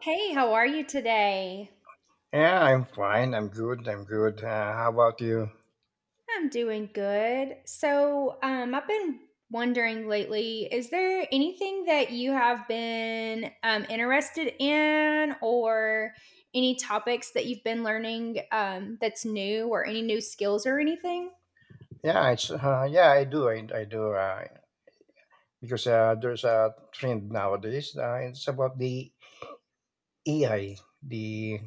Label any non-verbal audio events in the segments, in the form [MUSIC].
Hey, how are you today? Yeah, I'm fine. I'm good. I'm good. How about you? I'm doing good. So I've been wondering lately, is there anything that you have been interested in, or any topics that you've been learning that's new, or any new skills or anything? Yeah, I do. I do. Because there's a trend nowadays. It's about the AI, the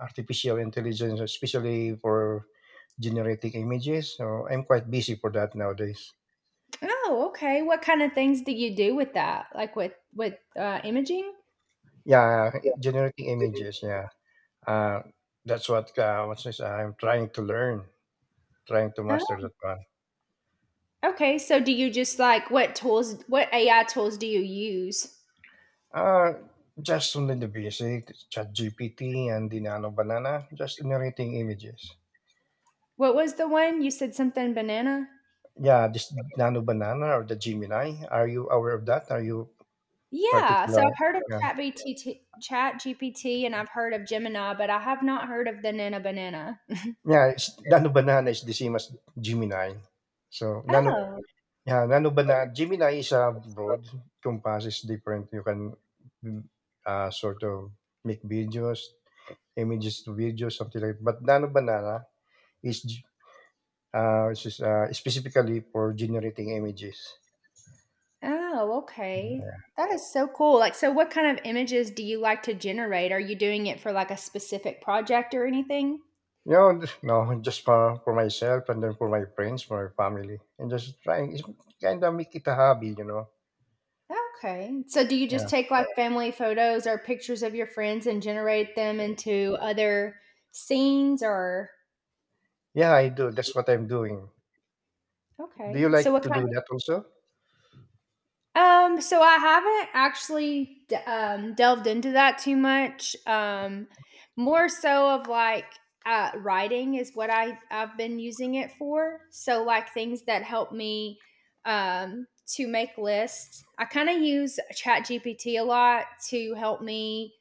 artificial intelligence, especially for generating images. So I'm quite busy for that nowadays. Oh, okay. What kind of things do you do with that? Like with with imaging? Yeah, generating images. Yeah, uh, that's what what's this? I'm trying to learn, trying to Oh, master that one. okay. So, do you just like what tools? What AI tools do you use? Ah, just only the basic chat ChatGPT and the Nano Banana, just generating images. What was the one you said? Something banana. Yeah, this Nano Banana or the Gemini, are you aware of that? Are you Yeah, so particular? I've heard of Yeah, ChatBTT ChatGPT and I've heard of Gemini, but I have not heard of the Nana Banana. yeah. It's, Nano Banana is the same as Gemini. So Nano, Oh, yeah, Nano Banana. Gemini is a broad compass is different. You can mm, sort of make videos, images to videos, something like. But Nano Banana is this is specifically for generating images. oh, okay. That is so cool. Like, so what kind of images do you like to generate? Are you doing it for like a specific project or anything? You know, no, just for myself and then for my friends, for my family, and just trying. It's kind of make it a hobby, you know. Okay. So do you just Yeah, take like family photos or pictures of your friends and generate them into other scenes or yeah, I do. That's what I'm doing. Do okay. you like So what to kind do that also? So I haven't actually delved into that too much. More so of like writing is what I've been using it for. So like things that help me to make lists. I kind of use ChatGPT a lot to help me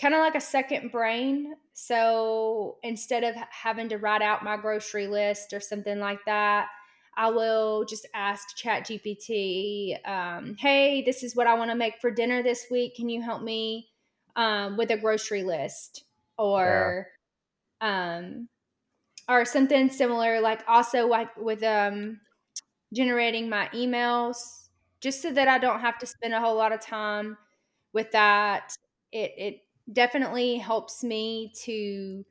kind of like a second brain. So instead of having to write out my grocery list or something like that, I will just ask ChatGPT, hey, this is what I want to make for dinner this week. Can you help me with a grocery list? Yeah, Or, um, or something similar, like also like with generating my emails just so that I don't have to spend a whole lot of time with that. It definitely helps me to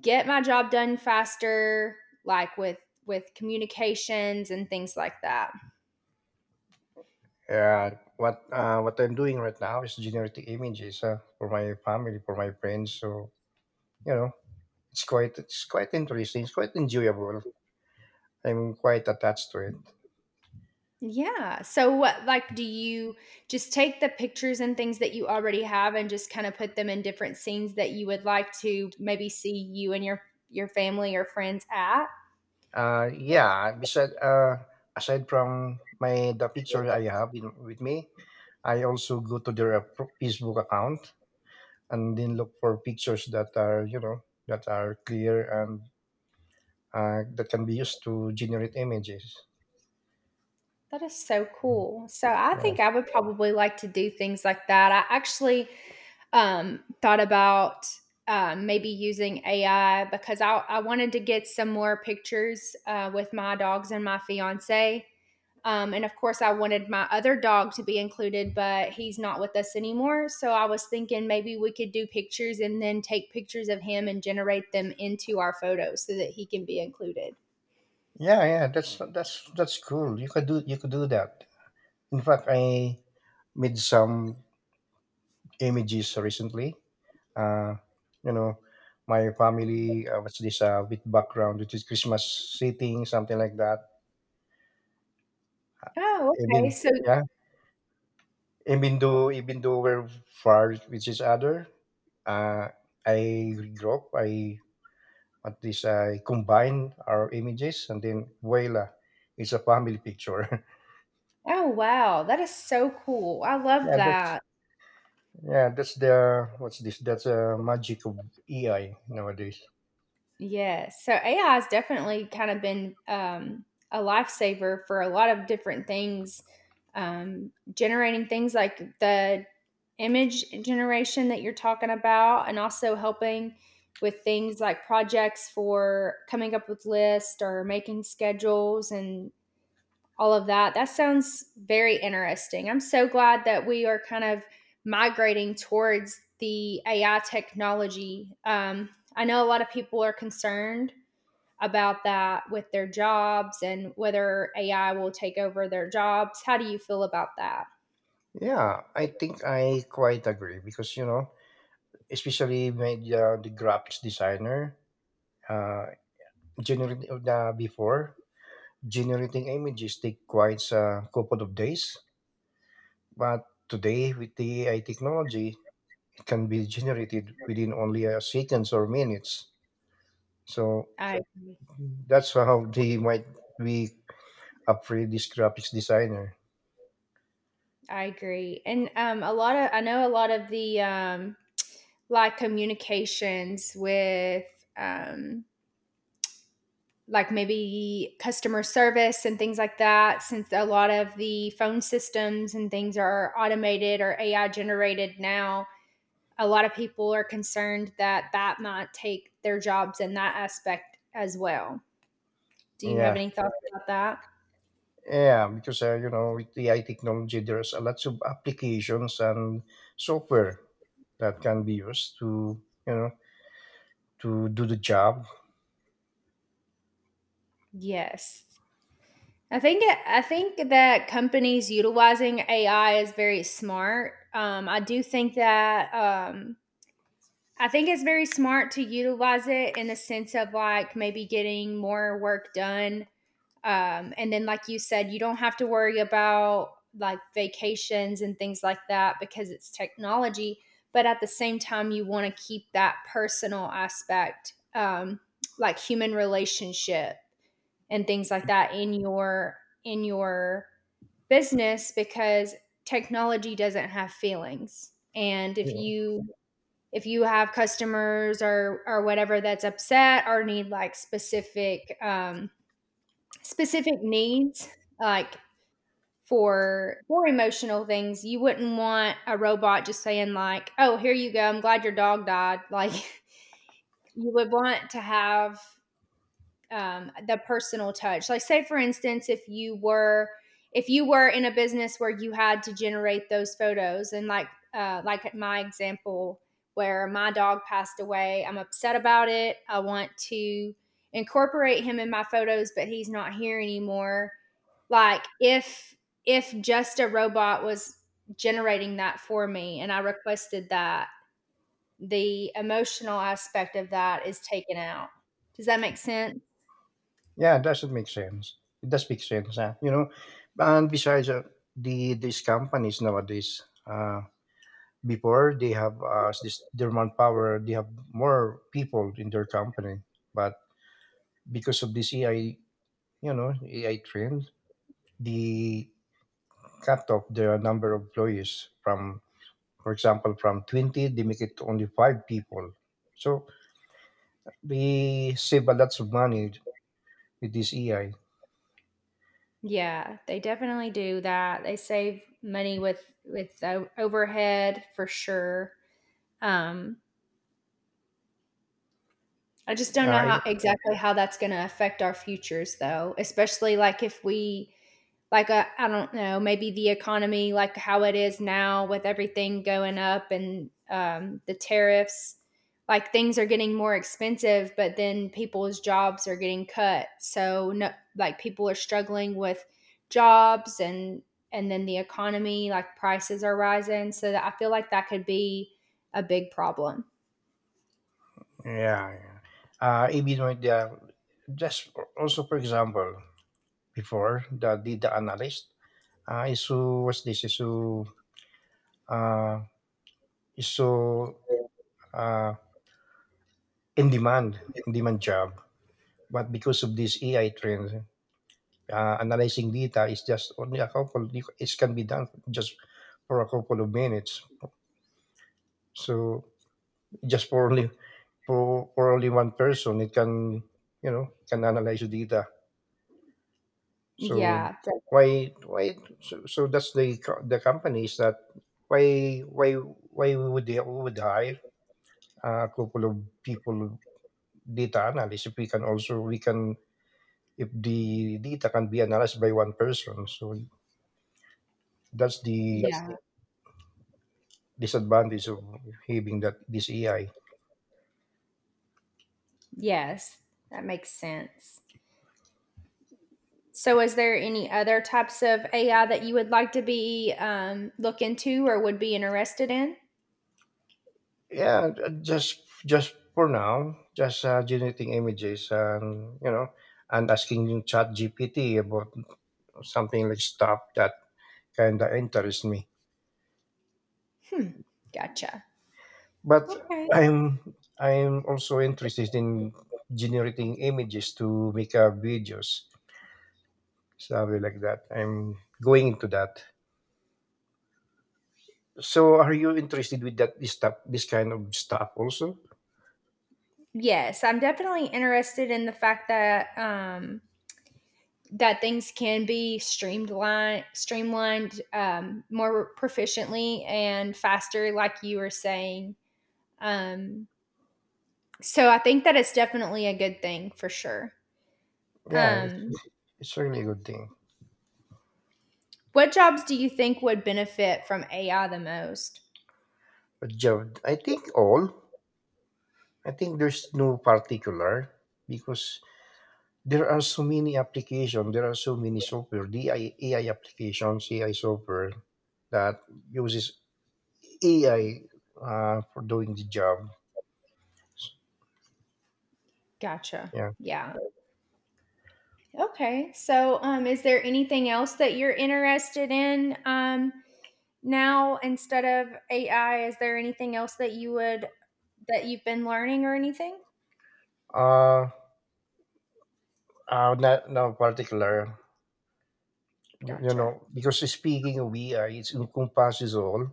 get my job done faster, like with communications and things like that. yeah. What I'm doing right now is generating images for my family, for my friends. So you know, it's quite interesting. It's quite enjoyable. I'm quite attached to it. Yeah. So what like do you just take the pictures and things that you already have and just kind of put them in different scenes that you would like to maybe see you and your family or friends at? Yeah, aside from my the pictures I have in, with me, I also go to their Facebook account and then look for pictures that are you know that are clear and that can be used to generate images. That is so Mhm. cool. So I Yeah, think I would probably like to do things like that. I actually thought about maybe using AI because I wanted to get some more pictures with my dogs and my fiance. And of course, I wanted my other dog to be included, but he's not with us anymore. So I was thinking maybe we could do pictures and then take pictures of him and generate them into our photos so that he can be included. yeah. That's cool. You could do that. In fact, I made some images recently. Uh, you know, my family, with background, which is Christmas sitting, something like that. Oh, okay, Even, so yeah, even though we're far with each other, uh, I grew up, I, what this, I combine our images and then voila, it's a family picture. [LAUGHS] oh, wow, that is so cool, I love yeah, that's, that. yeah, that's that's a magic of AI nowadays. Yes, so AI has definitely kinda been, a lifesaver for a lot of different things, generating things like the image generation that you're talking about, and also helping with things like projects for coming up with lists or making schedules and all of that. That sounds very interesting. I'm so glad that we are kind of migrating towards the AI technology. I know a lot of people are concerned about that with their jobs and whether AI will take over their jobs. How do you feel about that? Yeah, I think I quite agree because, you know, especially when the graphics designer uh, generating uh, before generating images take quite a couple of days, but today with the AI technology it can be generated within only seconds or minutes, so I that's how they might be afraid this graphics designer. I agree. And a lot of, I know a lot of the like communications with um, like maybe customer service and things like that, since a lot of the phone systems and things are automated or AI generated now, a lot of people are concerned that that might take their jobs in that aspect as well. Do you have yeah any thoughts about that? yeah because you know, with AI technology there's a lots of applications and software that can be used to you know to do the job. Yes. I think that companies utilizing AI is very smart. I do think that I think it's very smart to utilize it in the sense of like maybe getting more work done. And then, like you said, you don't have to worry about like vacations and things like that because it's technology. But at the same time, you want to keep that personal aspect, like human relationship and things like that in your business because technology doesn't have feelings. And Yeah, if you have customers or whatever that's upset or need like specific specific needs like for emotional things, you wouldn't want a robot just saying like, oh, here you go, I'm glad your dog died, like [LAUGHS] you would want to have the personal touch. Like, say for instance, if you were in a business where you had to generate those photos, and like at my example where my dog passed away, I'm upset about it. I want to incorporate him in my photos, but he's not here anymore. Like, if just a robot was generating that for me, and I requested that, the emotional aspect of that is taken out. Does that make sense? yeah that should make sense. It does make sense, huh? you know. And besides, these companies nowadays, before they have this their manpower, they have more people in their company, but because of this AI, you know, AI trend, the cut off the number of employees from, for example, from 20, they make it only five people. So they save a lot of money with this AI. Yeah, they definitely do that. They save money with overhead for sure. Um, I just don't know Uh, how exactly how that's going to affect our futures, though. Especially like if we like I don't know, maybe the economy, like how it is now with everything going up and the tariffs, like things are getting more expensive, but then people's jobs are getting cut. So no, like people are struggling with jobs and then the economy, like prices are rising. So that I feel like that could be a big problem. Yeah, yeah. Even with just also for example, before the data analyst is who was this is who uh, is so uh, in demand job, but because of this AI trend, analyzing data is just only a couple. It can be done just for a couple of minutes. So just for only for only one person, it can you know can analyze the data. So Yeah. that- so that's the companies that why why why we would hire a couple of people data analysts if we can also we can if the data can be analyzed by one person, so that's That's the yeah. disadvantage of having that this AI. Yes. That makes sense. So, is there any other types of AI that you would like to be look into or would be interested in? Just for now just generating images and you know and asking chat GPT about something like stuff that kind of interests me. Hmm. Gotcha. But Okay. I'm also interested in generating images to make up videos, something like that. I'm going into that. So, are you interested with that this stuff, this kind of stuff also? Yes, I'm definitely interested in the fact that that things can be streamlined more proficiently and faster, like you were saying. Um, so, I think that it's definitely a good thing for sure. Yeah, Um, it's really a good thing. what jobs do you think would benefit from AI the most? But Jav, I think all. I think there's no particular because there are so many applications. There are so many software, AI applications, AI software that uses AI for doing the job. Gotcha. Yeah. Yeah. Okay. So, is there anything else that you're interested in now instead of AI? Is there anything else that you would that you've been learning or anything? Uh, not no particular. You Gotcha. know, because speaking of AI, it encompasses all,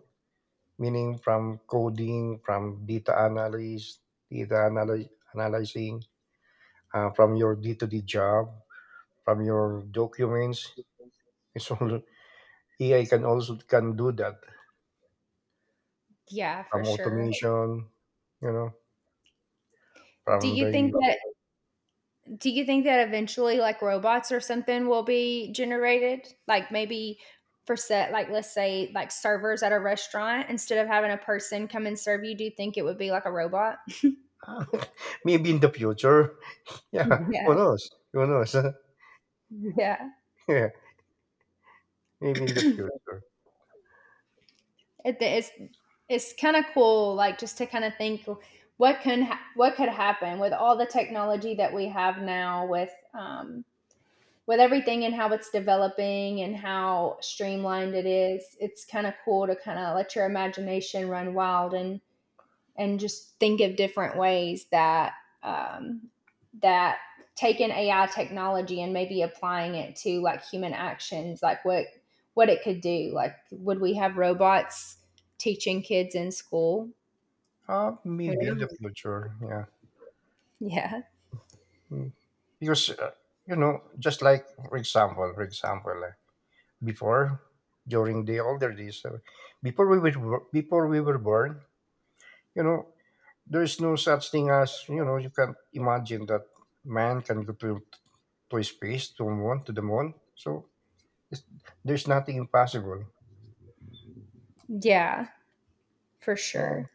meaning from coding, from data analysis, data analy- analyzing, from your day to day job, from your documents. It's all AI can also can do that Yeah, from for sure. automation. You know, Do from you think the that do you think that eventually like robots or something will be generated? Like maybe for set like let's say like servers at a restaurant instead of having a person come and serve you, do you think it would be like a robot? [LAUGHS] [LAUGHS] maybe in the future. [LAUGHS] Yeah, Yeah. who knows? Who knows? [LAUGHS] Yeah. Yeah, maybe in the [CLEARS THROAT] future. It's it's kind of cool like just to kind of think what can what could happen with all the technology that we have now with everything and how it's developing and how streamlined it is. It's kind of cool to kind of let your imagination run wild and just think of different ways that um, that taking AI technology and maybe applying it to like human actions, like what it could do. Like, would we have robots teaching kids in school? Who Maybe in the knows? future. Yeah, Yeah, Mm. Because you know, just like for example, before during the older days, before we were born, you know, there is no such thing as you know. You can imagine that man can go to space, to the moon. So it's, there's nothing impossible. yeah, for Yeah, sure.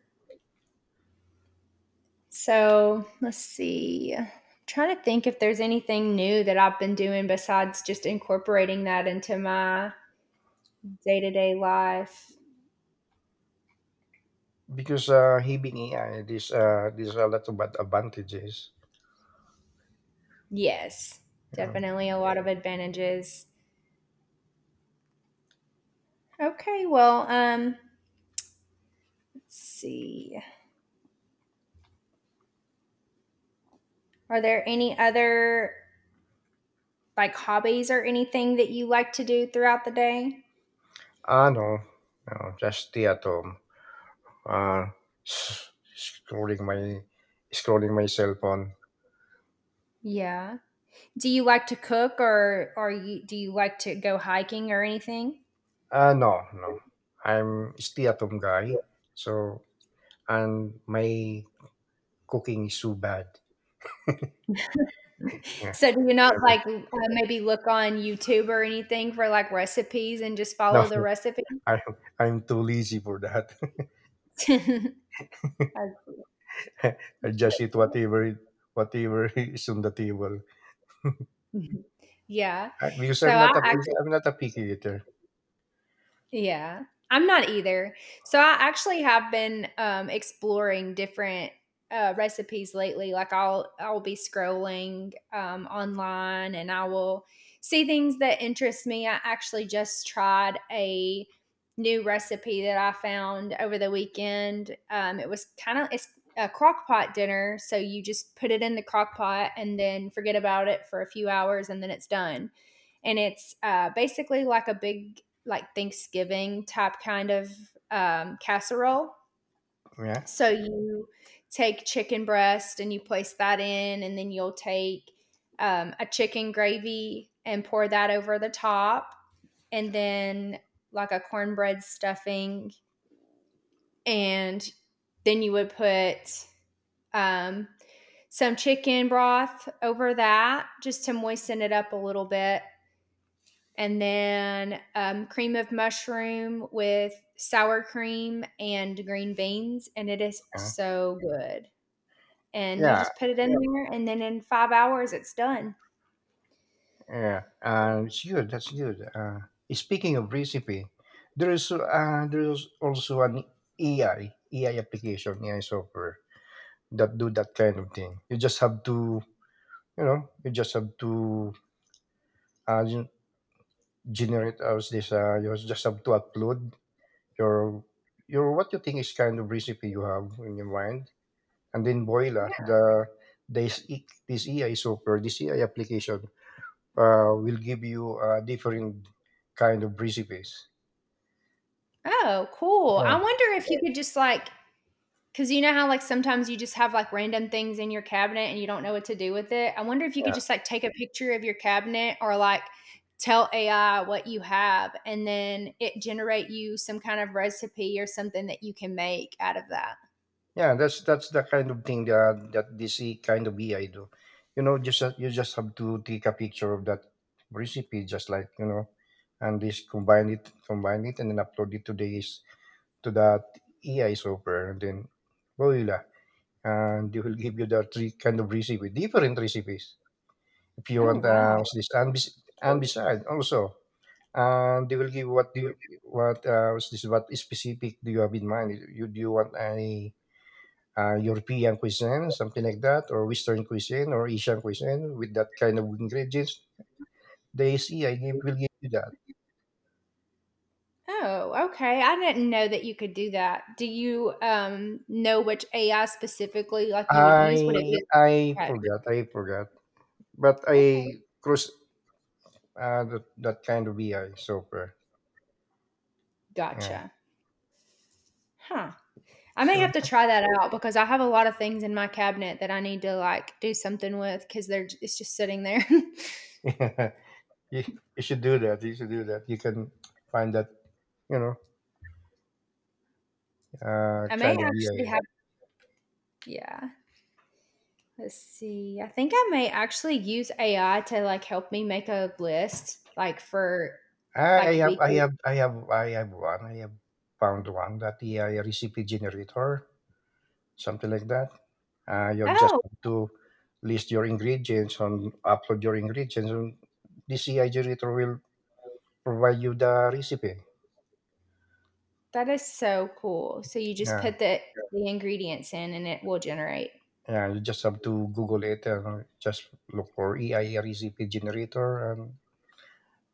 So let's see. I'm trying to think if there's anything new that I've been doing besides just incorporating that into my day to day life. because having AI, there's a lot of advantages. Yes, definitely a lot of advantages. Okay, well, let's see. Are there any other like hobbies or anything that you like to do throughout the day? Ah, no. No, just stay at home. Uh, s- scrolling my scrolling my cell phone. Yeah. Do you like to cook or you do you like to go hiking or anything? Ah, no, no. I'm stay at home guy. So and my cooking is so bad. Yeah, So do you not I'm like maybe look on YouTube or anything for like recipes and just no, follow the recipes? [LAUGHS] I'm I'm too lazy for that. [LAUGHS] [LAUGHS] As- I just eat whatever [LAUGHS] is on the table. yeah. Because So I actually I'm not a picky eater. Yeah, I'm not either. So I actually have been exploring different recipes lately. Like I'll be scrolling online and I will see things that interest me. I actually just tried a new recipe that I found over the weekend. It was kind of it's a crock pot dinner, so you just put it in the crock pot and then forget about it for a few hours, and then it's done and it's basically like a big like Thanksgiving type kind of casserole. Yeah, So you take chicken breast and you place that in, and then you'll take a chicken gravy and pour that over the top, and then like a cornbread stuffing, and then you would put um, some chicken broth over that just to moisten it up a little bit. And then cream of mushroom with sour cream and green beans, and it is yeah, so good. And you yeah. just put it in there, and then in 5 hours, it's done. Yeah, it's good. That's good. Speaking of recipe, there is also an AI AI application, AI software that do that kind of thing. You just have to, you know, you just have to uh, gen- generate as this. You just have to upload your your what you think is kind of recipe you have in your mind, and then voila, Yeah. this AI software, this AI application will give you a different kind of recipes. Oh, cool! Yeah, I wonder if you could just like cause you know how like sometimes you just have like random things in your cabinet and you don't know what to do with it. I wonder if you yeah, could just like take a picture of your cabinet or like tell AI what you have and then it generate you some kind of recipe or something that you can make out of that. yeah. That's the kind of thing that that kind of AI do. You know, just you just have to take a picture of that recipe, just like you know, and just combine it, and then upload it to this to that AI software, and then voila, and they will give you the 3 kind of recipe, different recipes. If you Oh, want, wow. what's this and bes- and beside also they will give what do you what what's this what specific do you have in mind? You do you want any European cuisine, something like that, or Western cuisine or Asian cuisine with that kind of ingredients? They see I give, will give you that. Oh, okay. I didn't know that you could do that. Do you know which AI specifically like you would use? Would it be Chat? I forgot, but Okay. I cross that kind of BI software. Yeah, Gotcha. Huh. I may so, have to try that out because I have a lot of things in my cabinet that I need to like do something with because it's just sitting there. [LAUGHS] yeah, you, you should do that. You should do that. You can find that you know [LAUGHS] I may kind of actually BI. have yeah. Let's see. I think I may actually use AI to like help me make a list like for like weekly. I have one. I have found one that the recipe generator, something like that. You just Oh, have to list your ingredients and upload your ingredients, and this AI generator will provide you the recipe. that is so cool. So you just Yeah, put the ingredients in and it will generate. yeah. You just have to Google it and just look for AI recipe generator, and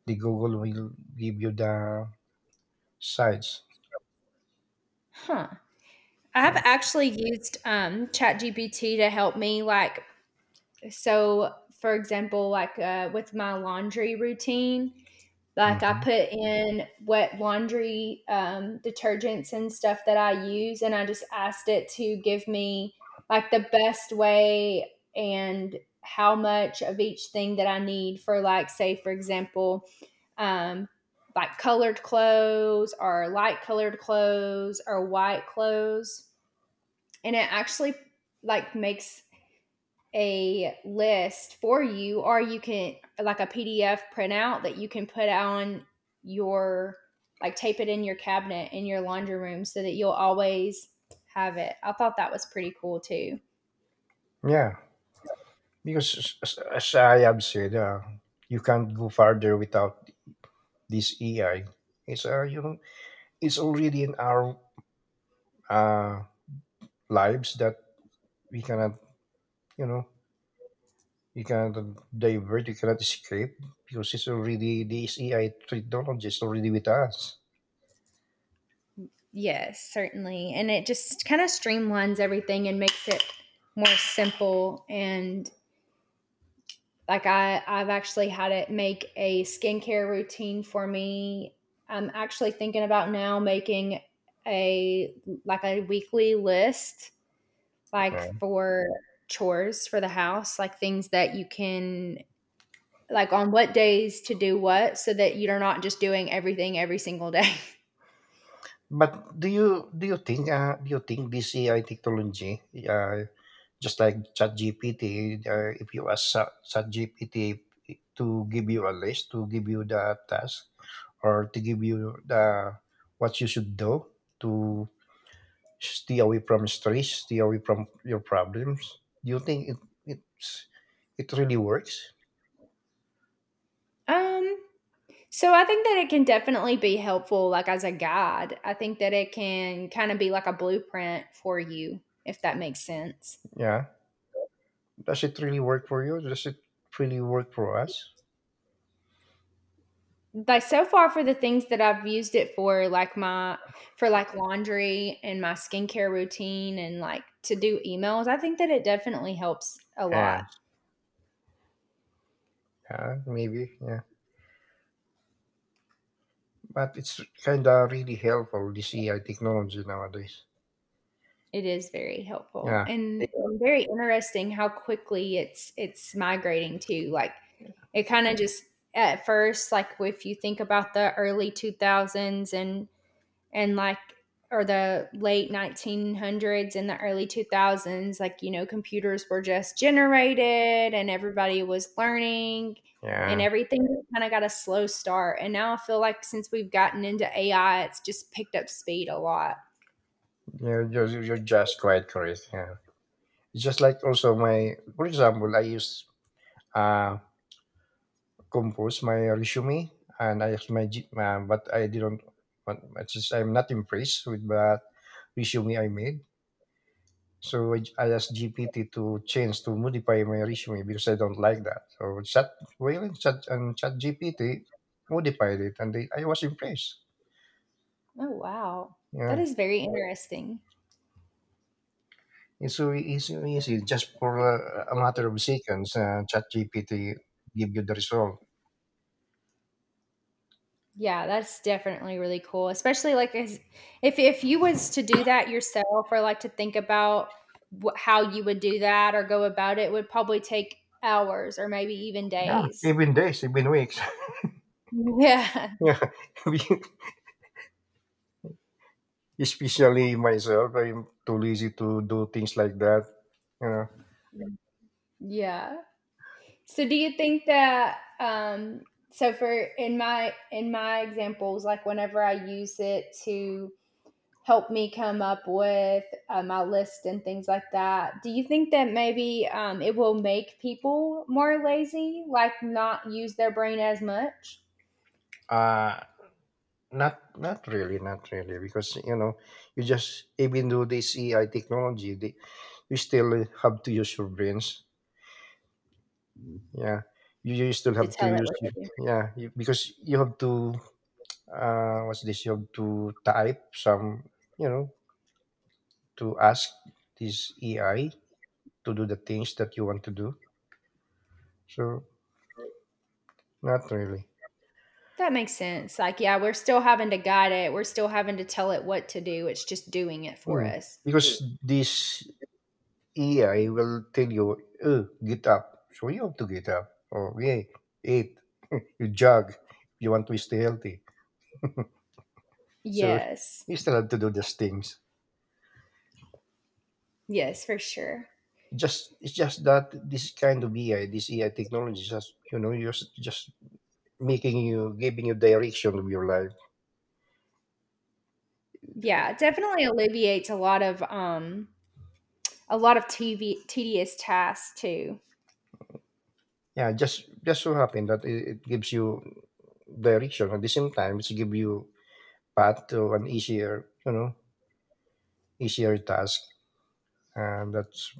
the Google will give you the sites. Huh. I have Yeah. actually used ChatGPT to help me like So, for example, like with my laundry routine, like I hmm put in wet laundry detergents and stuff that I use, and I just asked it to give me like the best way and how much of each thing that I need for, like, say, for example, um, like colored clothes or light colored clothes or white clothes. And it actually like makes a list for you, or you can like a PDF printout that you can put on your like tape it in your cabinet in your laundry room so that you'll always have it. I thought that was pretty cool too. Yeah. Because as I have said, you can't go further without this AI. It's You know, it's already in our uh, lives that we cannot, you know, you cannot divert, you cannot escape because it's already this AI technology is already with us. Yes, certainly. And it just kind of streamlines everything and makes it more simple and like I've actually had it make a skincare routine for me. I'm actually thinking about now making a like a weekly list, like Yeah. for chores for the house, like things that you can like on what days to do what so that you're not just doing everything every single day. [LAUGHS] But do you think this AI technology, uh, just like ChatGPT, if you ask Sa- ChatGPT to give you a list, to give you the task, or to give you the what you should do to stay away from stress, stay away from your problems. Do you think it's, it really works? Um, so I think that it can definitely be helpful, like as a guide. I think that it can kind of be like a blueprint for you, if that makes sense. Yeah. Does it really work for you? Does it really work for us? Like so far for the things that I've used it for, like my for like laundry and my skincare routine and like to do emails, I think that it definitely helps a Yeah, lot. yeah, maybe, yeah. But it's kind of really helpful, this AI technology nowadays. It is very helpful Yeah, and very interesting how quickly it's migrating to like it kind of just at first, like if you think about the early 2000s and like or the late 1900s and the early 2000s, like you know, computers were just generated and everybody was learning and yeah. everything kind of got a slow start. And now I feel like since we've gotten into AI, it's just picked up speed a lot. You're just quite correct, yeah. It's just like also my, for example, I use uh, compose my resume and I asked my G- but I didn't but it's just I'm not impressed with that resume I made. So I asked GPT to modify my resume because I don't like that. So chat GPT modified it and I was impressed. Oh, wow, that Yeah. is very interesting. It's so easy. Just for a matter of seconds, ChatGPT give you the result. Yeah, that's definitely really cool, especially like as if you was to do that yourself or like to think about how you would do that or go about it would probably take hours or maybe even Yeah, days. even days, even weeks. Yeah. [LAUGHS] yeah, [LAUGHS] [LAUGHS] especially myself, I'm too lazy to do things like that you know Yeah. So do you think that so for in my examples like whenever I use it to help me come up with my list and things like that. Do you think that maybe it will make people more lazy, like not use their brain as much uh not really, not really, because you just, even though this AI technology you still have to use your brains. Yeah, you still to have to tell it use what y- to do? Yeah, because you have to what's this, you have to type some you know to ask this AI to do the things that you want to do, so, not really. That makes sense. Like, yeah, we're still having to guide it, we're still having to tell it what to do. It's just doing it for Hmm us. because this AI will tell you, oh, get up. So you have to get up. Or, yeah, eat. You jog. You want to stay healthy. So Yes. you still have to do those things. Yes, for sure. Just It's just that this kind of AI, this AI technology, is just, just making you, giving you direction of your life. Yeah, it definitely alleviates a lot of TV tedious tasks too. Yeah, just so happen that it gives you direction. At the same time, it's give you path to an easier, easier task. And that's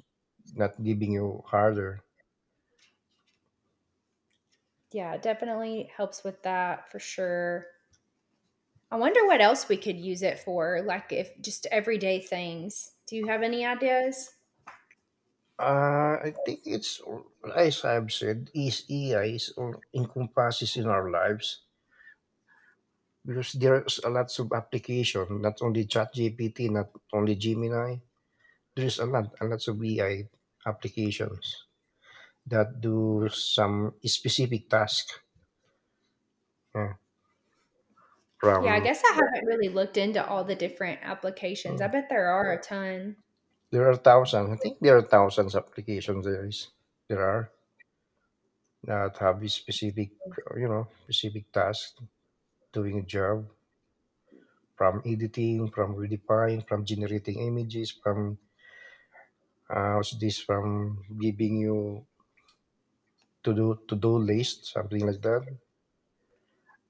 not giving you harder. Yeah, it definitely helps with that for sure. I wonder what else we could use it for, like if just everyday things. Do you have any ideas? I think as I've said, is AI is all encompasses in our lives, because there's a lots of application, not only ChatGPT, not only Gemini. There's a lots of AI applications that do some specific task, yeah, Yeah, I from, guess I Yeah. haven't really looked into all the different applications. I yeah. bet there are a ton. There are thousands, I think there are thousands of applications. There is, there are, that have a specific, specific task, doing a job, from editing, from redefine, from generating images, from from giving you to do list, something like that.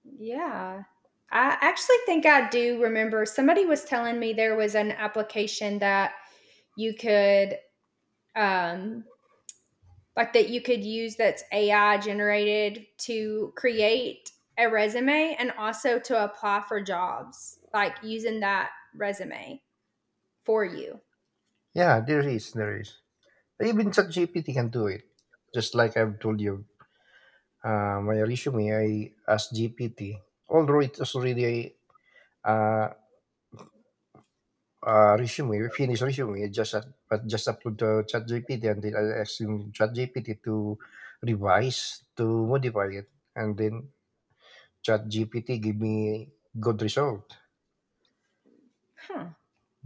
Yeah. I actually think I do remember somebody was telling me there was an application that you could um like that you could use that's AI generated to create a resume and also to apply for jobs, like using that resume for you. Yeah, there is, there is. Even ChatGPT can do it. Just like I've told you, my resume, I asked GPT. Although it was already a uh, finished resume, I just up- but just upload to ChatGPT, and then I asked him, ChatGPT, to revise, to modify it, and then Chat GPT give me good result. Huh,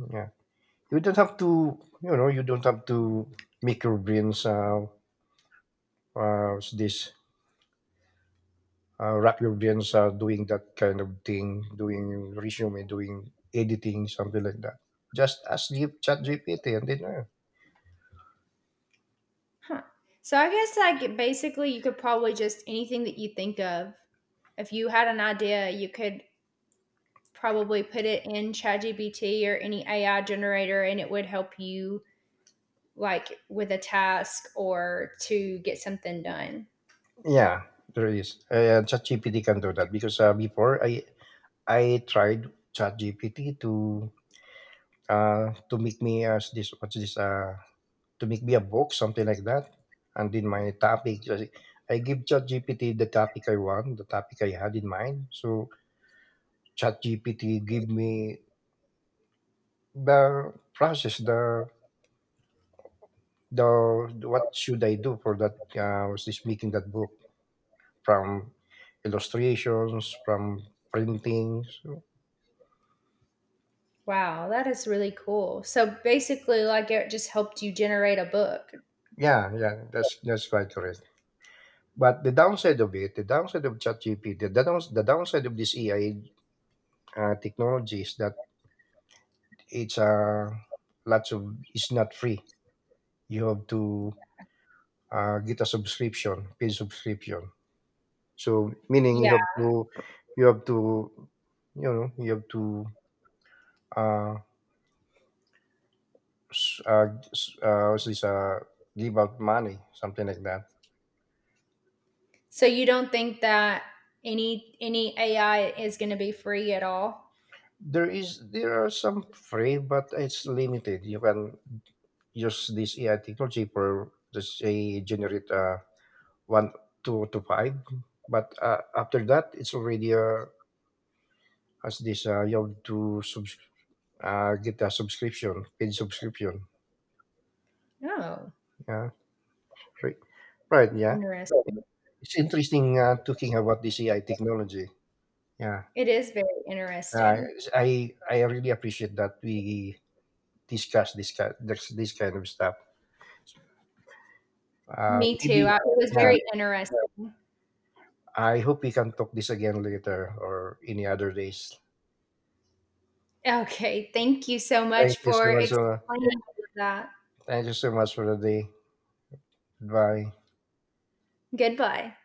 Yeah, you don't have to, you know, you don't have to make your brains, what's this, wrap your brains, doing that kind of thing, doing resume, doing editing, something like that. Just ask ChatGPT, and then, huh. So I guess like basically you could probably just anything that you think of. If you had an idea, you could probably put it in ChatGPT or any AI generator and it would help you like with a task or to get something done. yeah, there is. ChatGPT can do that because, before I tried Chat GPT to, to make me as this, what's this to make me a book, something like that. And in my topic, I give ChatGPT the topic I want, the topic I had in mind. So ChatGPT give me the process, the, what should I do for that? Was this making that book, from illustrations, from printing? So, Wow, that is really cool. So basically, like it just helped you generate a book. yeah, yeah, that's quite correct. But the downside of it, the downside of ChatGPT, the downside of this AI technology is that it's, lots of, it's not free. You have to, get a subscription, paid subscription. So meaning Yeah. you have to, you have to, you know, you have to, uh, s- uh, s- uh, what's this, uh, give out money, something like that. So you don't think that any AI is going to be free at all? There is, there are some free, but it's limited. You can use this AI technology for, let's say, generate one, two to five, but after that, it's already, as this, you have to, get a subscription, paid subscription. No. Yeah, right, right, yeah. Interesting. It's interesting, talking about this AI technology. Yeah, It is very uh, interesting. I really appreciate that we discuss this kind, this kind of stuff, Me too. maybe. I, it was Yeah, very interesting. I hope we can talk this again later, or any other days. Okay. Thank you so Thank much you for so much, explaining all of that. thank you so much for the day. Bye. Goodbye.